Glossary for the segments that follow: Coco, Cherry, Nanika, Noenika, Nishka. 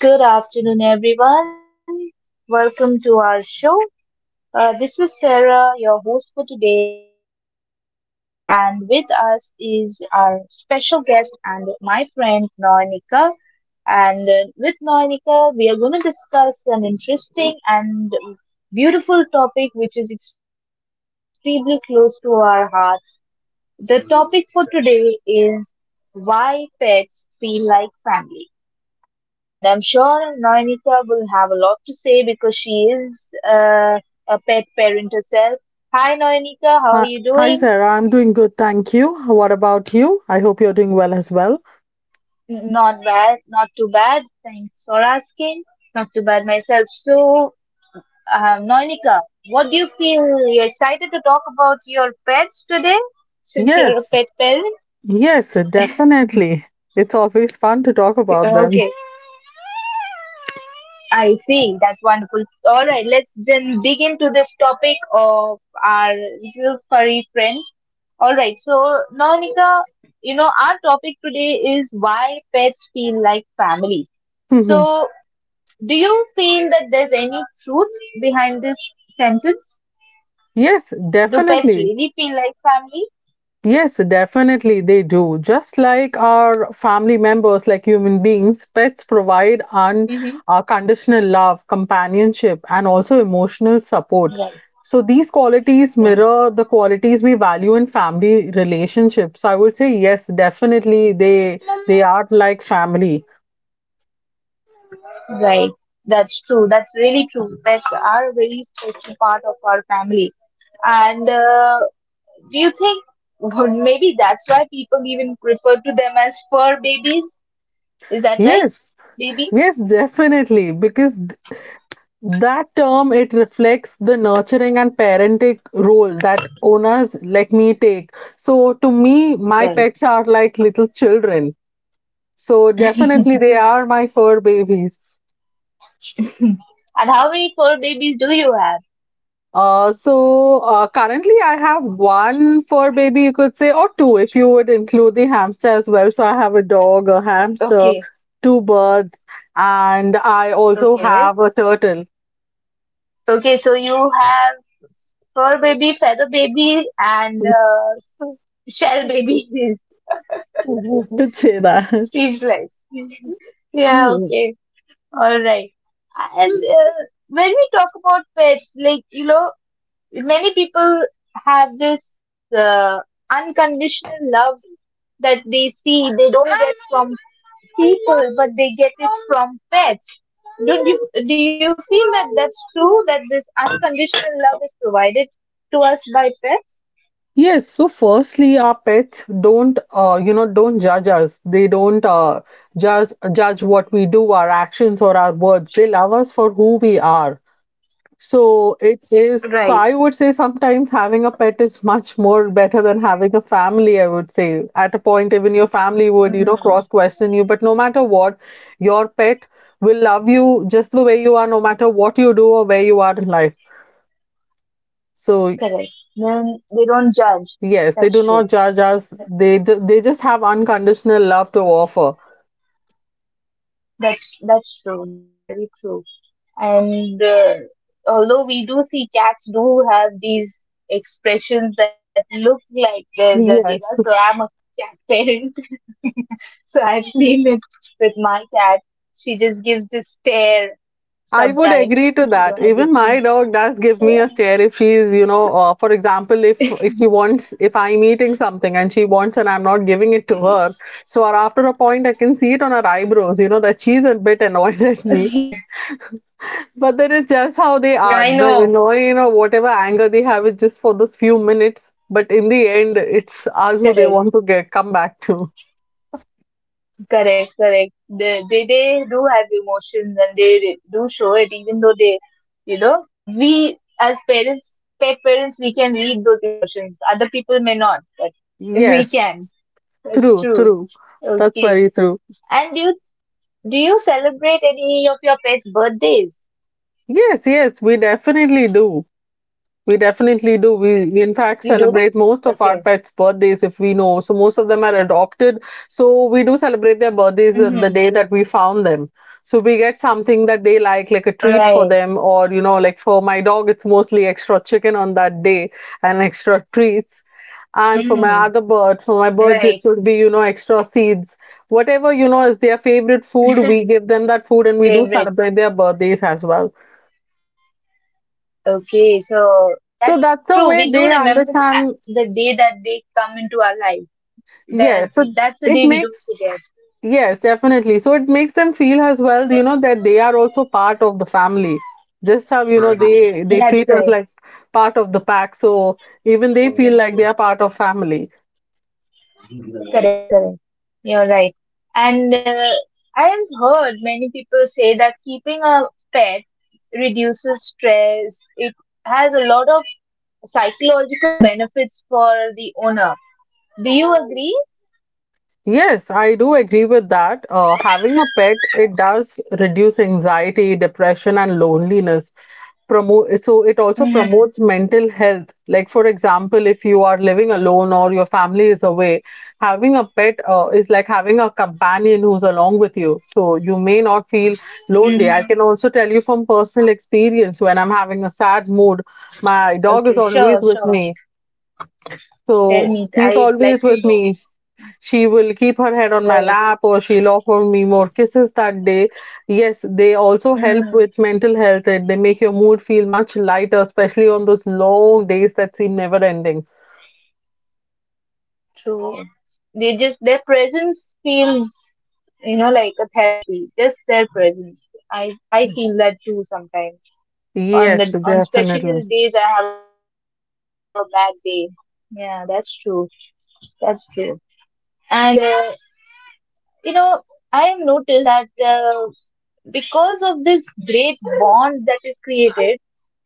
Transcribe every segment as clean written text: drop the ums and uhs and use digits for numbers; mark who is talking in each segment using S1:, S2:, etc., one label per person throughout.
S1: Good afternoon, everyone. Welcome to our show. This is Sarah, your host for today, and with us is our special guest and my friend Noenika. And with Noenika, we are going to discuss an interesting and beautiful topic which is extremely close to our hearts. The topic for today is why pets feel like family. And I'm sure Noenita will have a lot to say because she is a pet parent herself. Hi, Noenita, how are
S2: Hi,
S1: you
S2: hi,
S1: doing?
S2: Sarah. I'm doing good, thank you. What about you? I hope you're doing well as well.
S1: Not bad, not too bad. Thanks for asking. Not too bad myself. So, Noenika, what do you feel? You're excited to talk about your pets today since you're
S2: Yes,
S1: a pet parent?
S2: yes, definitely. It's always fun to talk about them.
S1: Okay. I see. That's wonderful. All right, let's then dig into this topic of our little furry friends. All right, so Naunika, you know, our topic today is why pets feel like family. So, do you feel that there's any truth behind this sentence?
S2: Yes,
S1: Do pets
S2: definitely.
S1: really feel like
S2: Yes, definitely they do. Just like our family members, like human beings, pets provide
S1: family?
S2: unconditional love, companionship, and also emotional support.
S1: Mm-hmm. Right,
S2: So these qualities
S1: right,
S2: mirror the qualities we value in family relationships. I would say yes, definitely they are like family.
S1: right. That's true. That's really true. Pets are a very special part of our family, and do you think, well, maybe that's why people even refer to them as fur babies? Is that right,
S2: Yes,
S1: baby?
S2: yes, definitely. Because that term, it reflects the nurturing and parenting role that owners like me take. So to me, my
S1: Right.
S2: pets are like little children. So definitely they are my fur babies.
S1: And how many fur babies do you have?
S2: Currently I have one fur baby, you could say, or two if you would include the hamster as well. So I have a dog, a hamster,
S1: Okay.
S2: two birds, and I also
S1: Okay.
S2: have a turtle.
S1: Okay. So you have fur baby, feather baby, and shell baby is
S2: You could say that.
S1: sleeveless. Yeah. Okay. All right. And when we talk about pets, like, you know, many people have this unconditional love that they see they don't get from people but they get it from pets. Do you do you feel that that's true, that this unconditional love is provided to us by pets?
S2: Yes, so firstly, our pets don't, you know, don't judge us. They don't, judge what we do, our actions or our words. They love us for who we are. So it
S1: Right.
S2: is. So I would say sometimes having a pet is much more better than having a family. I would say at a point even your family would, you know,
S1: Mm.
S2: cross question you. But no matter what, your pet will love you just the way you are, no matter what you do or where you are in life. So
S1: Correct. Then they don't judge.
S2: yes, they
S1: That's
S2: do not
S1: true.
S2: judge us.
S1: Th-
S2: They they just have unconditional love to offer.
S1: That's true. That's really true. And although we do see cats do have these expressions that look like they're judging us, so
S2: Yes.
S1: I'm a cat parent. So I've seen it with my cat. She just gives this stare
S2: I would
S1: sometimes,
S2: agree
S1: you
S2: to
S1: know, as
S2: that.
S1: if
S2: Even
S1: she's.
S2: my dog does give
S1: Yeah.
S2: me a stare if she's, you know, for example, if she wants, if I'm eating something and she wants and I'm not giving it to her, so or after a point I can see it on her eyebrows, you know, that she's a bit annoyed at me. But that is just how they are.
S1: I
S2: The
S1: know.
S2: annoying or whatever anger they have is just for those few minutes. But in the end, it's us who they
S1: Correct,
S2: want to get come back to.
S1: correct, correct. They do have emotions and they do show it, even though you know, we as parents, pet parents, we can read those emotions. Other people may not, but we
S2: Yes,
S1: can. That's
S2: true,
S1: true.
S2: true. That's
S1: Okay.
S2: very true.
S1: And do you celebrate any of your pets' birthdays?
S2: Yes, yes, we definitely do. We definitely do.
S1: You
S2: We
S1: do?
S2: in fact celebrate
S1: Okay.
S2: most of our pets' birthdays if we know. So most of them are adopted. So we do celebrate their birthdays, the day that we found them. So we get something that they like
S1: Right.
S2: a treat for them, or, you know, like for my dog, it's mostly extra chicken on that day and extra treats. And for
S1: Hmm.
S2: my other bird, for my birds,
S1: Right.
S2: it should be, you know, extra seeds. Whatever, you know, is their favorite food, we give them that food, and we do
S1: Favorite.
S2: celebrate their birthdays as well.
S1: Okay. So
S2: So
S1: that's
S2: that's the
S1: true.
S2: way
S1: We do
S2: they
S1: remember
S2: understand.
S1: the day that they come into our life. That
S2: Yes, so
S1: that's the
S2: it
S1: day we don't
S2: makes
S1: forget.
S2: yes definitely, so it makes them feel as well, you know, that they are also part of the family. Just how, you know, they
S1: That's
S2: treat us
S1: right.
S2: like part of the pack, so even they feel like they are part of family.
S1: Correct. Correct. You're right. And I have heard many people say that keeping a pet reduces stress. It has a lot of psychological benefits for the owner. Do you agree?
S2: Yes, I do agree with that. Having a pet, it does reduce anxiety, depression, and loneliness. Promote so it also
S1: Mm-hmm.
S2: promotes mental health. Like for example, if you are living alone or your family is away, having a pet, is like having a companion who's along with you. So you may not feel lonely. I
S1: Mm-hmm.
S2: can also tell you from personal experience when I'm having a sad mood, my dog is
S1: Okay. Sure.
S2: always with
S1: Sure.
S2: me.
S1: Tell
S2: So
S1: me,
S2: he's
S1: I'd like
S2: always
S1: to
S2: with
S1: know.
S2: me. She will keep her head on my
S1: Right.
S2: lap, or she'll offer me more kisses that day. Yes, they also help
S1: Mm,
S2: with mental health. They make your mood feel much lighter, especially on those long days that seem never ending.
S1: true. They just, their presence feels, you know, like a therapy. Just their presence. I feel that too sometimes. On
S2: Yes,
S1: the on especially the
S2: definitely.
S1: days I have a bad day. Yeah, that's true. That's true. And you know, I have noticed that because of this great bond that is created,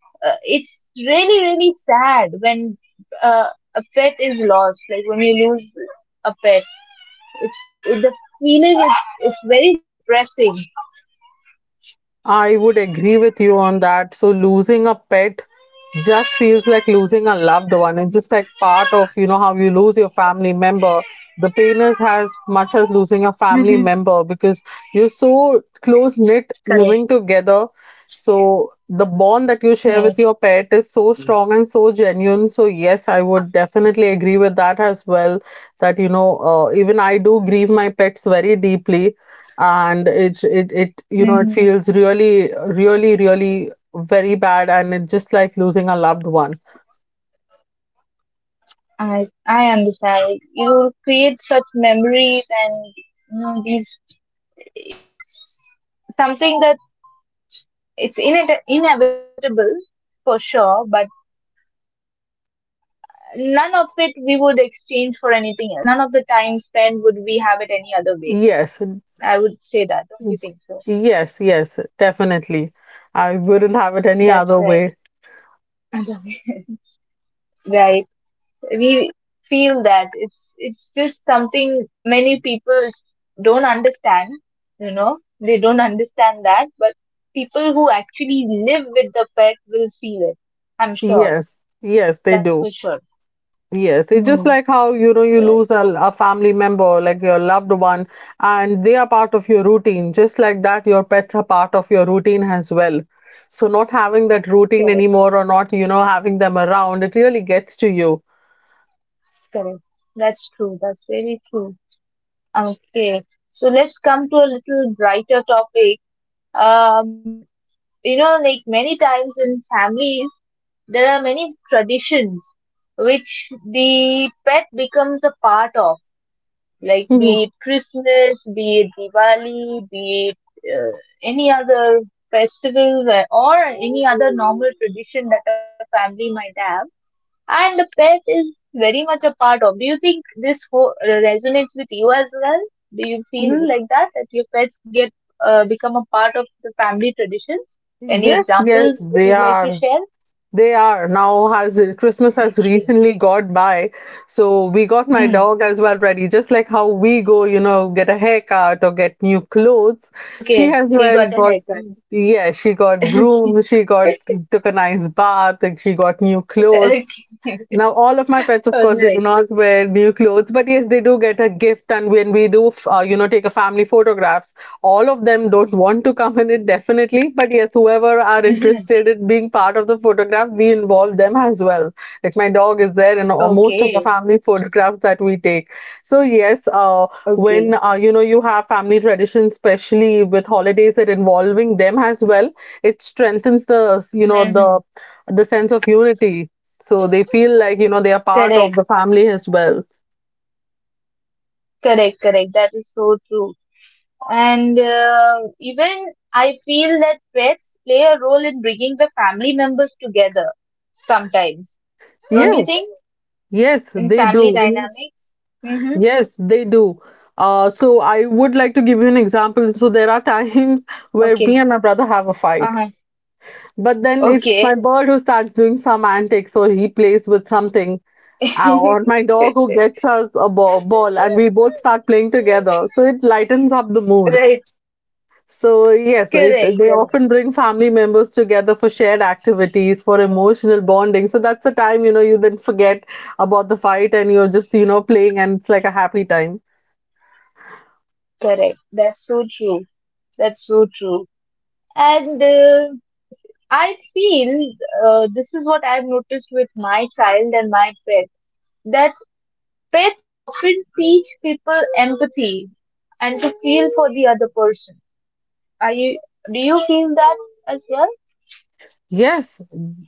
S1: it's really really sad when uh, a pet is lost. Like when you lose a pet, the feeling is it's very depressing.
S2: I would agree with you on that. So losing a pet just feels like losing a loved one, and just like part of, you know, how you lose your family member, the pain is as much as
S1: Hmm.
S2: losing a family member, because you're so close knit
S1: Correct.
S2: living together. So the bond that you share
S1: Right.
S2: with your pet is so strong and so genuine. So yes, I would definitely agree with that as well, that, you know, even I do grieve my pets very deeply, and it you know, it
S1: Hmm.
S2: feels really, really, really very bad, and it's just like losing a loved one.
S1: I understand. You create such memories, and you know these, it's something that it's inevitable for sure, but none of it we would exchange for anything else. None of the time spent would we have it any other way.
S2: Yes,
S1: I would say that, don't you think so?
S2: yes, yes, definitely. I wouldn't have it any
S1: That's
S2: other
S1: right.
S2: way.
S1: Right. We feel that it's just something many people don't understand, you know. They don't understand that, but people who actually live with the pet will feel it. I'm sure.
S2: Yes, yes, they
S1: That's
S2: do.
S1: for sure.
S2: Yes, it's just
S1: Mm,
S2: like how, you know, you lose a family member, like your loved one, and they are part of your routine. Just like that, your pets are part of your routine as well. So, not having that routine
S1: correct.
S2: anymore, or not, you know, having them around, it really gets to you.
S1: Correct. That's true. That's very true. Okay. So let's come to a little brighter topic. Um, you know, like many times in families there are many traditions which the pet becomes a part of, like be it Christmas, be it Diwali, be it any other festival or any other normal tradition that a family might have, and the pet is very much a part of. Do you think this whole resonates with you as well? Do you feel
S2: Mhm.
S1: like that your pets get become a part of the family traditions? Any
S2: Yes, yes,
S1: examples
S2: they
S1: you'd like to
S2: are.
S1: share?
S2: They are now. Has Christmas has
S1: Okay.
S2: recently got by, so we got my
S1: Hmm.
S2: dog as well ready. Just like how we go, you know, get a haircut or get new clothes. She
S1: Okay,
S2: has
S1: we got
S2: well
S1: a
S2: got,
S1: haircut.
S2: yeah, she got groomed, she got
S1: Okay.
S2: took a nice bath, and she got new clothes. Now, all of my pets,
S1: All
S2: of course, they
S1: right.
S2: do not wear new clothes, but yes, they do get a gift. And when we do, you know, take a family photographs, all of them don't want to come in it definitely. But yes, whoever are interested in being part of the photograph, we involve them as well. Like my dog is there in most of the
S1: Okay.
S2: family photographs that we take. So yes,
S1: Okay.
S2: when, you know, you have family traditions, especially with holidays, that involving them as well, it strengthens the,
S1: Hmm, hmm.
S2: sense of unity, so they feel like, you know, they are part of
S1: Correct.
S2: the family as well.
S1: Correct. Correct. That is so true. And even I feel that pets play a role in bringing the family members together sometimes. Don't you
S2: Yes,
S1: think?
S2: yes,
S1: In
S2: they
S1: family
S2: do. Yes.
S1: dynamics? Mm-hmm.
S2: Yes, they do. So I would like to give you an example. So there are times where me and
S1: Okay.
S2: my brother have a fight,
S1: Uh-huh.
S2: but then it's my
S1: Okay.
S2: bird who starts doing some antics, or he plays with something, or my dog who gets us a ball and we both start playing together. So it lightens up the mood.
S1: Right.
S2: So yes, it
S1: Correct.
S2: they
S1: Correct.
S2: often bring family members together for shared activities, for emotional bonding. So that's the time, you know, you then forget about the fight, and you're just, you know, playing, and it's like a happy time.
S1: Correct. That's so true. That's so true. And I feel this is what I've noticed with my child and my pet, that pets often teach people empathy and to feel for the other person. Are you, do you feel that as well?
S2: Yes,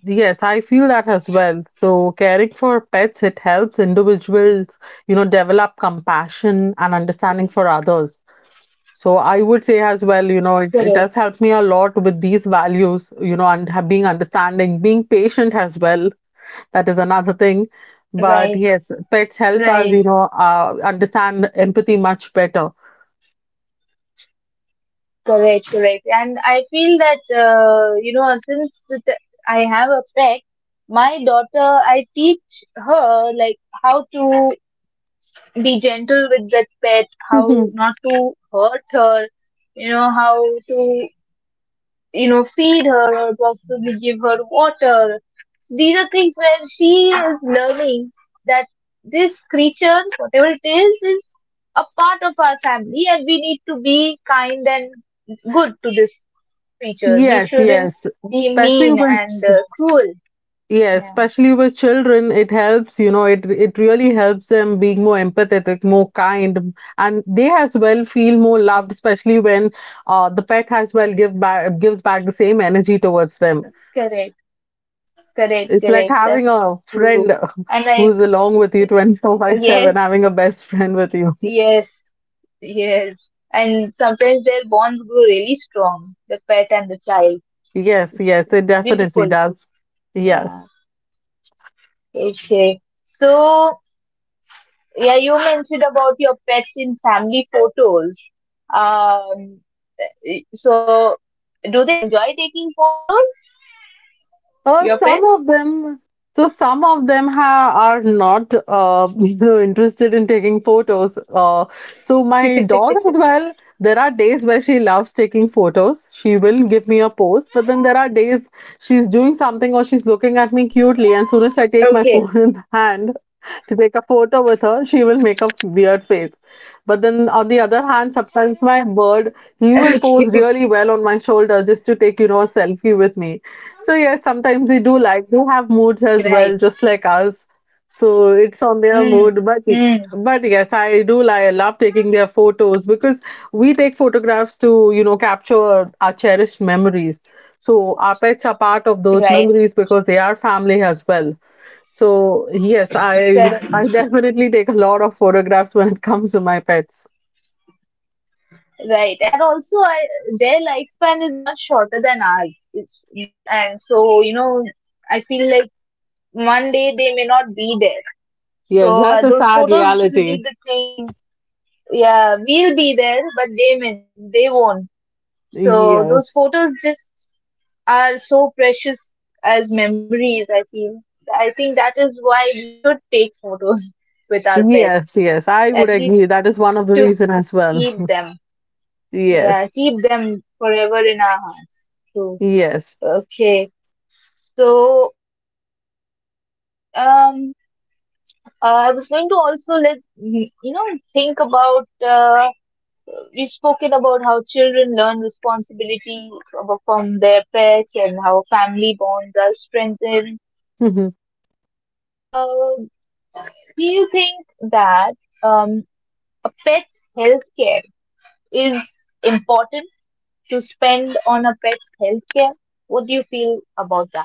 S2: yes, I feel that as well. So caring for pets, it helps individuals, you know, develop compassion and understanding for others. So I would say as well, you know, it
S1: Correct.
S2: does help me a lot with these values, you know, and have being understanding, being patient as well. That is another thing. But
S1: Right,
S2: yes, pets help us,
S1: right,
S2: you know, understand empathy much better.
S1: correct, correct. And I feel that you know, since the I have a pet, my daughter, I teach her like how to be gentle with that pet, how
S2: Mhm.
S1: not to hurt her, you know, how to, you know, feed her or possibly give her water. So these are things where she is learning that this creature, whatever it is a part of our family, and we need to be kind and good to this creature. We
S2: Yes,
S1: shouldn't
S2: yes.
S1: be
S2: Especially
S1: mean
S2: with
S1: and cruel.
S2: yes,
S1: Yeah,
S2: Especially with children, it helps, you know, it really helps them being more empathetic, more kind, and they as well feel more
S1: correct.
S2: loved, especially when the pet as well gives back the same energy towards them.
S1: Correct, correct, correct.
S2: It's like
S1: That's
S2: having
S1: true.
S2: a
S1: And
S2: friend
S1: like,
S2: who's along with you 24 by
S1: yes,
S2: 7, having a best friend with you.
S1: yes, yes. And sometimes their bonds grow really strong, the pet and the child.
S2: Yes,
S1: It's
S2: yes, it definitely
S1: beautiful.
S2: does.
S1: Yeah.
S2: Yes.
S1: Okay. So, yeah, you mentioned about your pets in family photos. Um, so do they enjoy taking photos, your
S2: Some of them, so some of them ha are not, you know, interested in taking photos. So
S1: pets?
S2: my dog as well, there are days where she loves taking photos. She will give me a pose, but then there are days she's doing
S1: Okay.
S2: something, or she's looking at me cutely, and soon as I take my phone in hand to take a photo with her, she will make a weird face. But then on the other hand,
S1: Okay.
S2: sometimes my bird, he will pose really well on my shoulder just to take, you know, a selfie with me. So yes, sometimes they do, like, they
S1: Right.
S2: have moods as well, just like us. So
S1: Mm.
S2: it's on their mood.
S1: Mm.
S2: But yes, I do like I love taking their photos, because we take photographs to, you know, capture our cherished memories. So our pets are part of
S1: Right.
S2: those memories, because they are family as well. So yes, I
S1: Correct.
S2: I definitely take a lot of photographs when it comes to my pets.
S1: Right. And also, I, their lifespan is much shorter than ours. It's big, and so, you know, I feel like one day they may not be there.
S2: Yes,
S1: So
S2: that's a
S1: those
S2: sad
S1: photos will be
S2: reality.
S1: the thing. Yeah, we'll be there, but they will, they won't. So those
S2: Yes.
S1: photos just are so precious as memories. I feel. I think that is why we should take photos with our pets,
S2: Yes, yes. I would
S1: at least
S2: agree. That is one of the
S1: to
S2: reason as well.
S1: keep them. Yeah,
S2: Yes.
S1: keep them forever in our hearts. True.
S2: Yes.
S1: Okay. So I was going to also let you know, think about. We've spoken about how children learn responsibility from their pets and how family bonds are strengthened. Uh, do you think that um, a pet's health care is important, to spend on a pet's health care? What do you feel about that?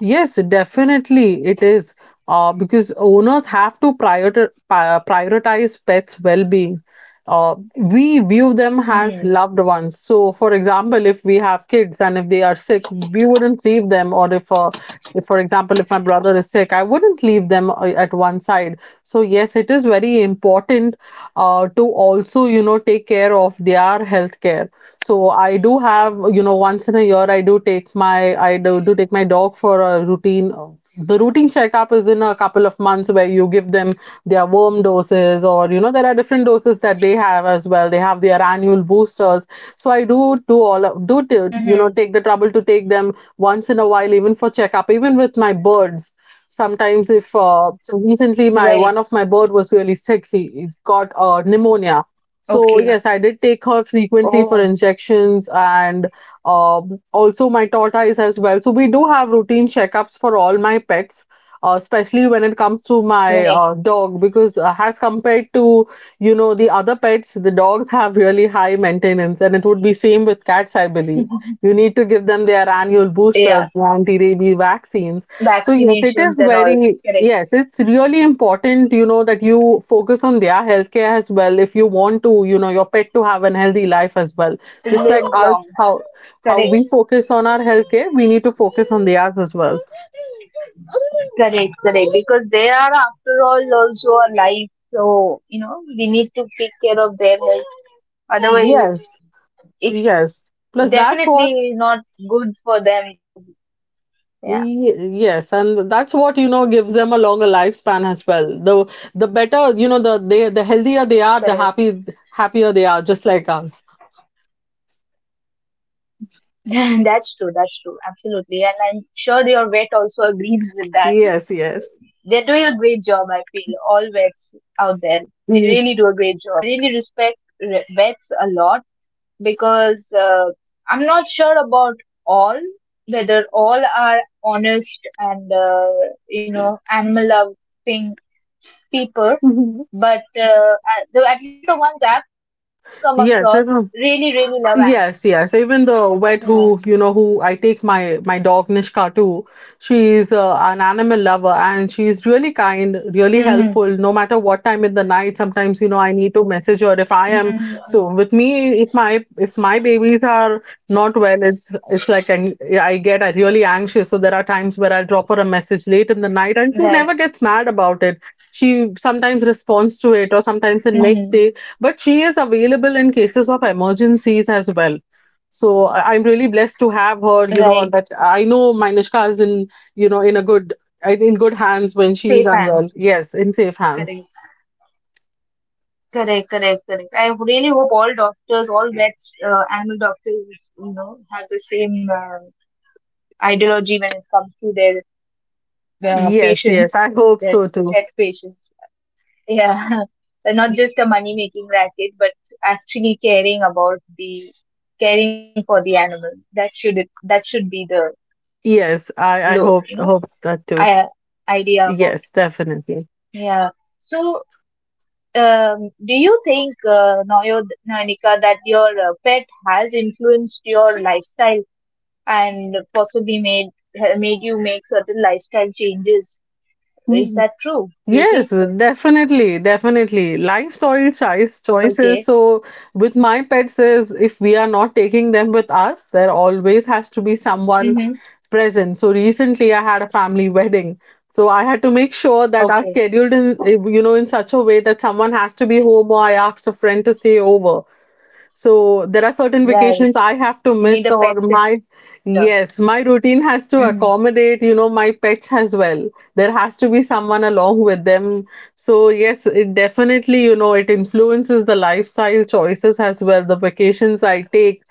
S2: Yes, definitely it is. Because owners have to prioritize pets' well-being. We view them as
S1: Hmm.
S2: loved ones. So, for example, if we have kids and if they are sick, we wouldn't leave them. Or if, for example, if my brother is sick, I wouldn't leave them, at one side. So, yes, it is very important to also, you know, take care of their health care, so I do have, you know, once in a year I do take my I do take my dog for a routine. The routine checkup is in a couple of months where you give them their worm doses, or you know, there are different doses that they have as well. They have their annual boosters. So I do all of, do t- you
S1: Mm-hmm.
S2: know take the trouble to take them once in a while, even for checkup, even with my birds. Sometimes, if so
S1: Right.
S2: recently my one of my bird was really sick, he got pneumonia.
S1: Okay.
S2: So yes, I did take her
S1: Oh,
S2: frequently for injections and also my tortoise as well. So we do have routine checkups for all my pets, especially when it comes to my
S1: right.
S2: dog because as compared to you know the other pets, the dogs have really high maintenance, and it would be same with cats, I believe. You need to give them their annual boosters,
S1: Yeah.
S2: the anti-rabies vaccines. So yes, it is
S1: Vaccinations and all. Correct.
S2: yes, it's really important, you know, that you focus on their healthcare as well if you want to, you know, your pet to have an healthy life as well.
S1: To
S2: Just
S1: live
S2: like us,
S1: long.
S2: how
S1: Correct.
S2: we focus on our healthcare, we need to focus on theirs as well.
S1: Correct, correct. Because they are, after all, also alive. So, you know, we need to take care of their health. Otherwise,
S2: Yes,
S1: it's
S2: yes. Plus that's what
S1: definitely not good for them. For yeah,
S2: yes, and that's what, you know, gives them a longer lifespan as well. The better, you know,
S1: correct.
S2: the healthier they are, the happy happier they are, just like us.
S1: That's true. That's true. Absolutely. And I'm sure your vet also agrees with that.
S2: Yes,
S1: They're doing
S2: yes.
S1: a great job. I feel all vets out there. They really do a
S2: Mhm.
S1: great job. I really respect vets a lot because I'm not sure about all, whether all are honest and you know, animal loving people, but at least the ones I've come across
S2: Yes,
S1: really
S2: even,
S1: really love animals.
S2: yes, yes. Even the
S1: Yeah.
S2: vet who, you know, who I take my dog Nishka to, she's an animal lover
S1: Mm-hmm.
S2: and she's really kind, really helpful. No matter what time in the night, sometimes you know I need to
S1: Mm-hmm.
S2: message her if I am. So with me, if my babies are not well, it's I get really anxious. So there are times where I'll drop her a message late in the
S1: Right.
S2: night, and she never gets mad about it. She sometimes responds to it, or sometimes
S1: Mm-hmm.
S2: the next day, but she is available in cases of emergencies as well. So I'm really blessed to have her.
S1: Right.
S2: You know that I know Manishka is in in a good, in good hands when she
S1: Safe
S2: is unwell.
S1: hands.
S2: Yes, in safe hands.
S1: Correct. Correct, correct, correct. I really hope all doctors, all vets, animal doctors, you know, have the same ideology when it comes to their
S2: Yes, yes.
S1: patience,
S2: I
S1: their
S2: hope so
S1: pet
S2: too.
S1: patients. Yeah, not just a money making racket, but actually caring about the, caring for the animal. That should it, that should be the lo, you
S2: Yes,
S1: know,
S2: I
S1: I,
S2: hope that too.
S1: idea about,
S2: Yes,
S1: yeah.
S2: definitely.
S1: So do you think Noyo Nanika that your pet has influenced your lifestyle and possibly made, made you make certain lifestyle changes? Is
S2: Mm.
S1: that true? Do you
S2: Yes,
S1: think so?
S2: definitely. Life's oil choices.
S1: Okay.
S2: So with my pets is if we are not taking them with us, there always has to be someone
S1: Mm-hmm.
S2: present. So recently I had a family wedding. So I had to make sure that I
S1: Okay.
S2: scheduled in, you know, in such a way that someone has to be home or I asked a friend to stay over. So there are certain vacations I
S1: Right.
S2: have to miss,
S1: You
S2: or
S1: need a pet
S2: my
S1: sitter.
S2: yes, my routine has
S1: Mm.
S2: to accommodate, you know, my pets as well. There has to be someone along with them. So yes, it definitely, you know, it influences the lifestyle choices as well. The vacations I take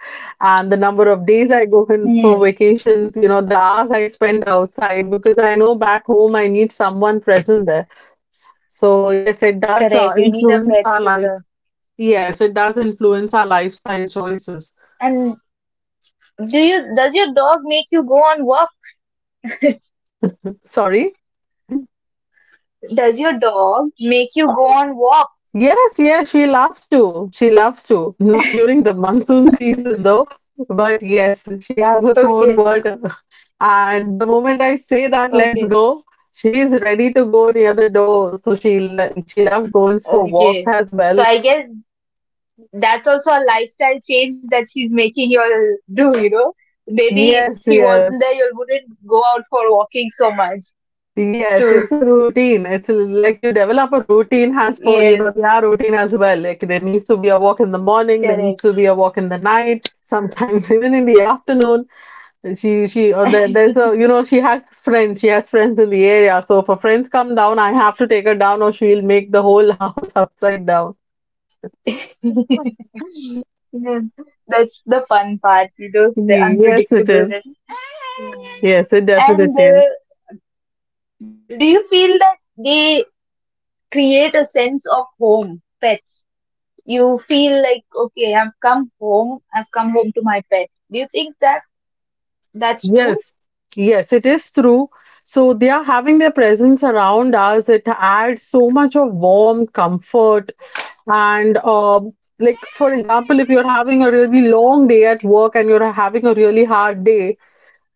S2: and the number of days I go in
S1: Mm.
S2: for vacations, you know, the hours I spend outside because I know back home I need someone present there. So yes, it does
S1: Correct. You need a
S2: influence
S1: pet
S2: our life.
S1: sitter.
S2: Yes, it does influence our lifestyle choices.
S1: And do you, does your dog make you go on walk?
S2: Sorry?
S1: Does your dog make you go on walks?
S2: Yes, yes, she loves to. She loves to. Not during the monsoon season, though. But yes, she has a code
S1: Okay.
S2: word. And the moment I say that, let's
S1: Okay.
S2: go, she is ready to go near the door. So she loves going for walks
S1: Okay.
S2: as well.
S1: So I guess that's also a lifestyle change that she's making you all do, you know? Maybe if
S2: Yes,
S1: he wasn't there
S2: yes.
S1: you all wouldn't go out for walking so much.
S2: Yes,
S1: True.
S2: it's a routine. It's like you develop a routine as per, you
S1: Yes.
S2: know, their routine as well. Like there needs to be a walk in the morning, there needs
S1: Correct.
S2: to be a walk in the night, sometimes even in the afternoon. She or there's a you know, she has friends in the area. So if her friends come down, I have to take her down or she'll make the whole house upside down.
S1: Yeah, that's the fun part, you know, the
S2: Yes, it
S1: unpredictableness.
S2: is.
S1: Mm.
S2: Yes, it
S1: And
S2: definitely is.
S1: do you feel that they create a sense of home, pets? You feel like, okay, I've come home to my pet. Do you think that that's true?
S2: Yes, yes, it is true. So they are having their presence around us. It adds so much of warmth, comfort, and like for example, if you're having a really long day at work and you're having a really hard day,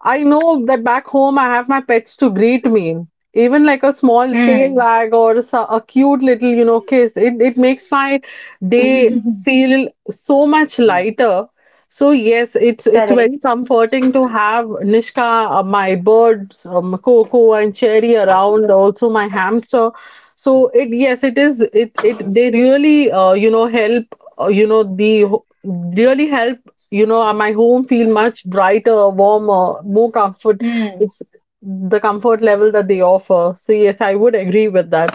S2: I know that back home I have my pets to greet me. Even like a small tail
S1: Hmm.
S2: wag or a cute little, you know, kiss. It makes my day feel so much lighter. So yes, it's very
S1: Correct.
S2: comforting to have Nishka, my birds, Coco and Cherry around, also my hamster. So it yes, it is it they really you know help you know really help you know my home feel much brighter, warmer, more comfort.
S1: Hmm.
S2: It's the comfort level that they offer, so yes, I would agree with that.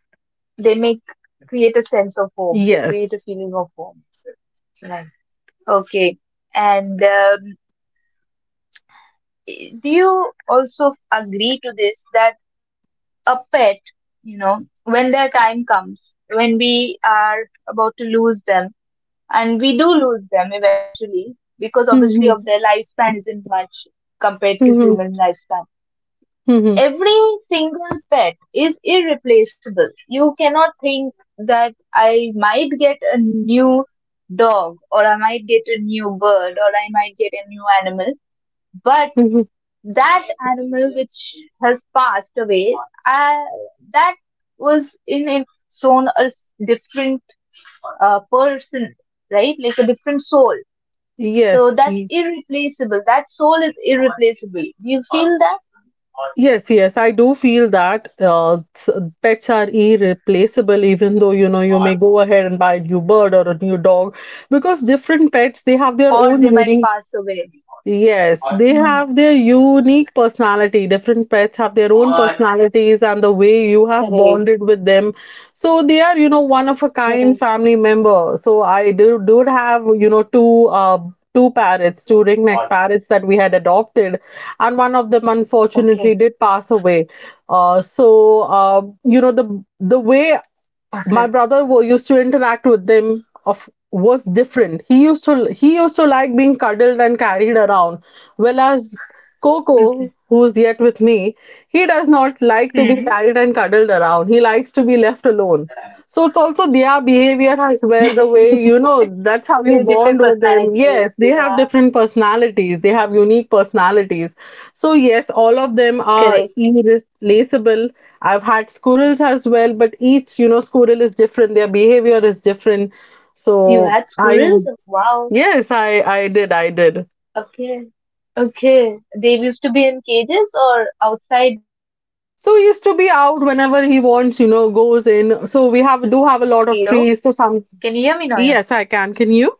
S1: They make, create a sense of home, create a
S2: Yes.
S1: feeling of home. Right. Okay. And do you also agree to this that a pet, you know, when their time comes, when we are about to lose them, and we do lose them eventually because obviously of
S2: Mhm,
S1: their lifespan isn't much compared to
S2: mhm,
S1: human lifespan.
S2: mhm,
S1: Every single pet is irreplaceable. You cannot think that I might get a new dog or I might get a new bird or I might get a new animal, but
S2: mhm.
S1: that animal which has passed away, uh, that was in its own different person, right? Like a different soul. So
S2: yes
S1: that's
S2: y-
S1: irreplaceable. That soul is irreplaceable. Do you feel that?
S2: yes, yes, I do feel that pets are irreplaceable, even though you know you may go ahead and buy a new bird or a new dog, because different pets they have
S1: Or
S2: their
S1: they
S2: own
S1: might pass
S2: unique.
S1: away.
S2: Yes,
S1: Mm,
S2: they have their unique personality. Different pets have their own personalities and the way you have bonded with them. So they are, you know, one of a kind family member. So I do do have, you know, two parrots, two ringneck parrots that we had adopted, and one of them
S1: okay,
S2: unfortunately did pass away.
S1: okay,
S2: You know, the way my brother used to interact with them of was different. He used to like being cuddled and carried around, whereas
S1: okay.
S2: Coco, who's yet with me, he does not like to be
S1: Hmm.
S2: carried and cuddled around. He likes to be left alone. So it's also their behavior as well, the way, you know,
S1: They're
S2: that's
S1: different
S2: how you bond with
S1: personalities.
S2: them.
S1: Yeah,
S2: Yes, they have different personalities, they have unique personalities. So yes, all of them
S1: correct.
S2: are irreplaceable. I've had squirrels as well, but each, you know, squirrel is different. Their behavior is different.
S1: You
S2: So
S1: had
S2: I,
S1: squirrels? Wow.
S2: yes, I did, I did.
S1: Okay. Okay. They used to be in cages or outside the cage?
S2: So he used to be out whenever he wants, you know, goes in. So we have do
S1: Hello,
S2: have a lot of
S1: can
S2: trees.
S1: you
S2: So
S1: hear me
S2: some,
S1: now?
S2: yes, I can. Can you?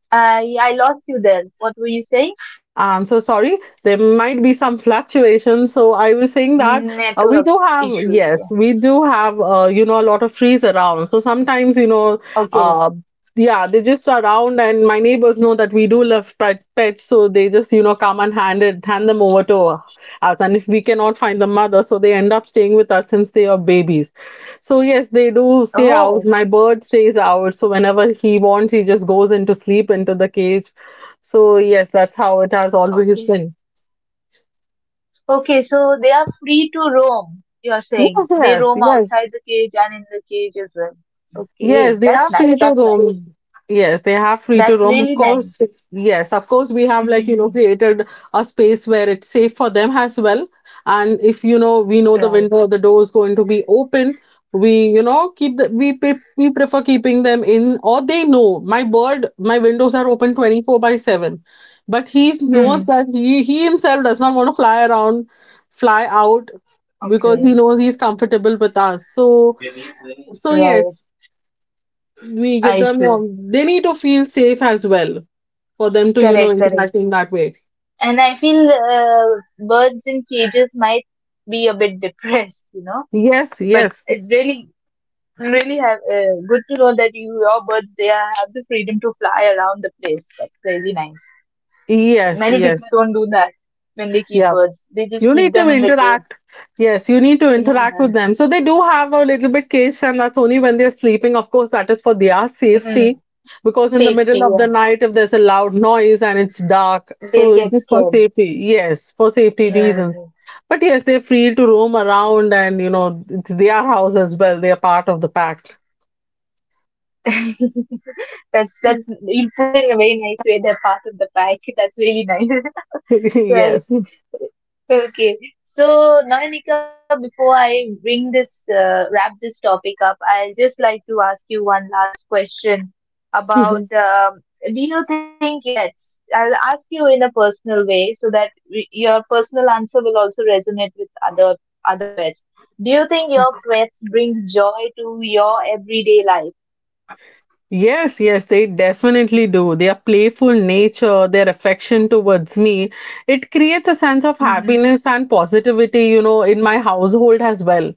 S1: I lost you there. What were you saying?
S2: So sorry. There might be some fluctuations. So I was saying that
S1: Network
S2: we do have,
S1: issues. Yeah.
S2: yes, we do have, you know, a lot of trees around. So sometimes, you know, uh,
S1: Okay.
S2: yeah, they just are around, and my neighbors know that we do love pets, so they just, you know, come and hand it, hand them over to us. And if we cannot find the mother, so they end up staying with us since they are babies. So yes, they do stay out.
S1: Oh,
S2: My bird stays out. So whenever he wants, he just goes into sleep into the cage. So yes, that's how it has always
S1: okay.
S2: been.
S1: Okay, so they are free to roam, you're
S2: Yes,
S1: saying. They
S2: yes,
S1: roam
S2: yes.
S1: outside the cage and in the cage as well.
S2: Yes,
S1: Okay,
S2: they are
S1: that's
S2: free
S1: nice.
S2: to
S1: That's
S2: roam.
S1: nice.
S2: Yes, they have free to roam.
S1: That's
S2: Of
S1: really
S2: course,
S1: nice.
S2: yes, of course, we have like, you know,
S1: Mhm.
S2: created a space where it's safe for them as well. And if, you know, we know the
S1: Right.
S2: window, the door is going to be open, we, you know, keep the, we, pre- we prefer keeping them in, or they know my bird, my windows are open 24 by 7. But he knows
S1: Hmm.
S2: that he himself does not want to fly around, fly out, because he
S1: Okay.
S2: knows he's comfortable with us. So, so
S1: Right.
S2: yes, we give
S1: I
S2: them
S1: see.
S2: they need to feel safe as well for them to you know
S1: Correct, correct.
S2: interact in that way.
S1: And I feel birds in cages might be a bit depressed,
S2: yes
S1: But
S2: yes
S1: it really really have good to know that you your birds they are, have the freedom to fly around the place, that's really nice.
S2: yes
S1: Many people
S2: yes
S1: don't do that when they keep
S2: yeah,
S1: birds, they just
S2: you
S1: keep
S2: need to
S1: them in the cage.
S2: interact. Yes, you need to
S1: Yeah.
S2: interact with them, so they do have a little bit cage time. That's only when they're sleeping. Of course, that is for their
S1: Mhm.
S2: safety, because in the
S1: Safety,
S2: middle of the
S1: yeah,
S2: night if there's a loud noise and it's dark,
S1: they'll
S2: so it
S1: get
S2: is for
S1: scared,
S2: safety. Yes, for safety
S1: yeah.
S2: reasons. But yes, they're free to roam around, and you know it's their house as well, they are part of the pack.
S1: Yeah. That's, you put it in a very nice way, they're part of the pack. That's really nice. Right.
S2: Yes.
S1: Okay, so Nanika, before I bring this wrap this topic up, I'll just like to ask you one last question about do you think your pets? I'll ask you in a personal way so that your personal answer will also resonate with other pets. Do you think your pets bring joy to your everyday life?
S2: Yes, yes, they definitely do. Their playful nature, their affection towards me, it creates a sense of
S1: Hmm.
S2: happiness and positivity, you know, in my household as well.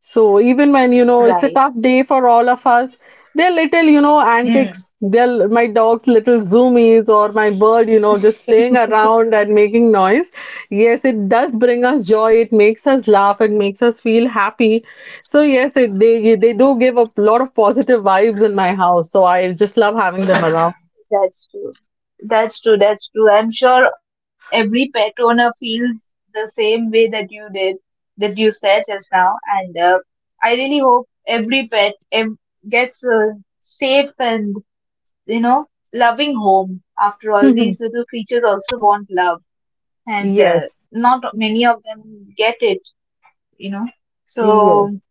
S2: So even when you know it's a
S1: Right.
S2: tough day for all of us, their little you know
S1: Mm.
S2: antics, their my dog's little zoomies or my bird, you know, just playing around and making noise. Yes, it does bring us joy.
S1: Yeah,
S2: It makes us laugh. It makes us feel happy. So yes, they do give a lot of positive vibes in my house. So I just love having them around.
S1: that's true. That's true. That's true. I'm sure every pet owner feels the same way that you did, that you said just now. And I really hope every pet gets a safe and, you know, loving home. After all, these little creatures also want love, and
S2: yes,
S1: not many of them get it, you know.
S2: yes,
S1: So,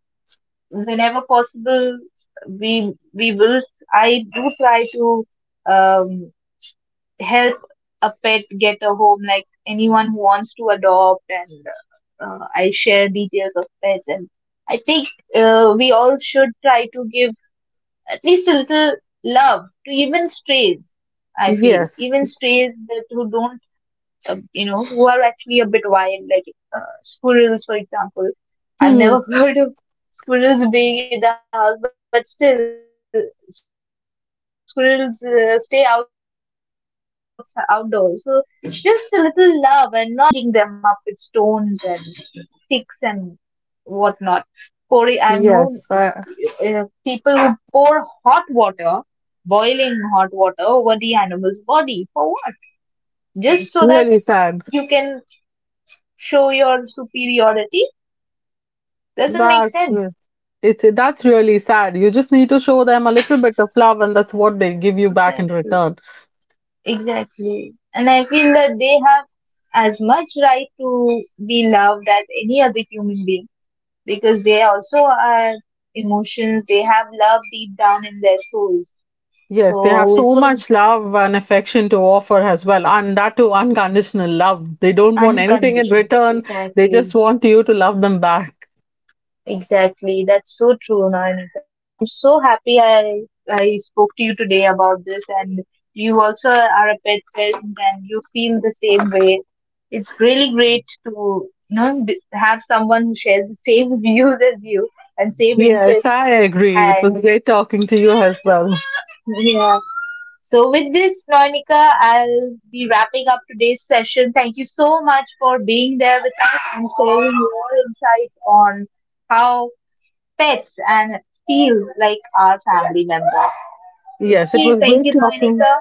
S1: whenever possible, we will. I do try to um, help a pet get a home, like anyone who wants to adopt, and I share details of pets. And I think we all should try to give at least a little love to even strays. I feel
S2: yes,
S1: even strays that who don't, you know, who are actually a bit wild, like squirrels, for example. I've never heard of squirrels being in the house, but still, squirrels stay outside, outdoors. So just a little love and not cruelty and you know pushing them away or beating them up with stones and sticks and whatnot. Pouring, I've known
S2: yes.
S1: people who pour hot water, boiling hot water over the animal's body for what? Just so that
S2: Really sad.
S1: you can show your superiority? Doesn't make sense.
S2: That's really It's that's really sad. You just need to show them a little bit of love, and that's what they give you back in
S1: What's
S2: return.
S1: Exactly. And I feel that they have as much right to be loved as any other human being because they also are emotions, they have love deep down in their souls.
S2: Yes, they have
S1: So it
S2: so
S1: was
S2: much love and affection to offer as well, and that too unconditional love. They don't want anything in
S1: unconditional.
S2: return. They just
S1: Exactly.
S2: want you to love them back.
S1: Exactly. That's so true, Nanika. I'm so happy I spoke to you today about this, and you also are a pet parent, and you feel the same way. It's really great to you know have someone who shares the same views as you and same
S2: Yes,
S1: interests.
S2: I agree. It was
S1: And
S2: great talking to you as well.
S1: yeah. So with this, Nanika, I'll be wrapping up today's session. Thank you so much for being there with us and sharing your insights on how pets and feel like our family member.
S2: Yes, it
S1: Okay,
S2: was
S1: thank
S2: great
S1: you,
S2: talking
S1: Noenika.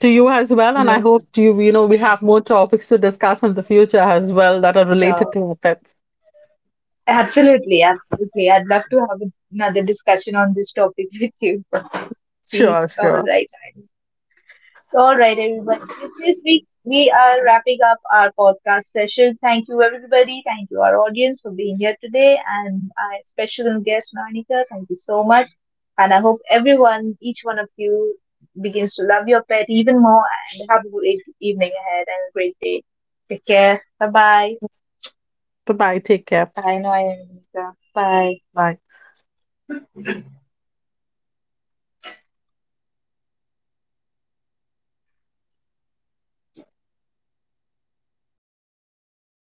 S2: to you as well, and I
S1: No,
S2: hope you you know we have more topics to discuss in the future as well that are related
S1: sure.
S2: to pets.
S1: Absolutely, absolutely. I'd love to have another discussion on this topic with you. See,
S2: Sure,
S1: all
S2: sure.
S1: right. All right, everyone. With this week, we are wrapping up our podcast session. Thank you, everybody. Thank you, our audience, for being here today. And our special guest, Monica, thank you so much. And I hope everyone, each one of you, begins to love your pet even more and have a great evening ahead and a great day. Take care. Bye-bye.
S2: Bye bye. Take care.
S1: Bye, Bye, Noah and Monica. Bye.
S2: Bye.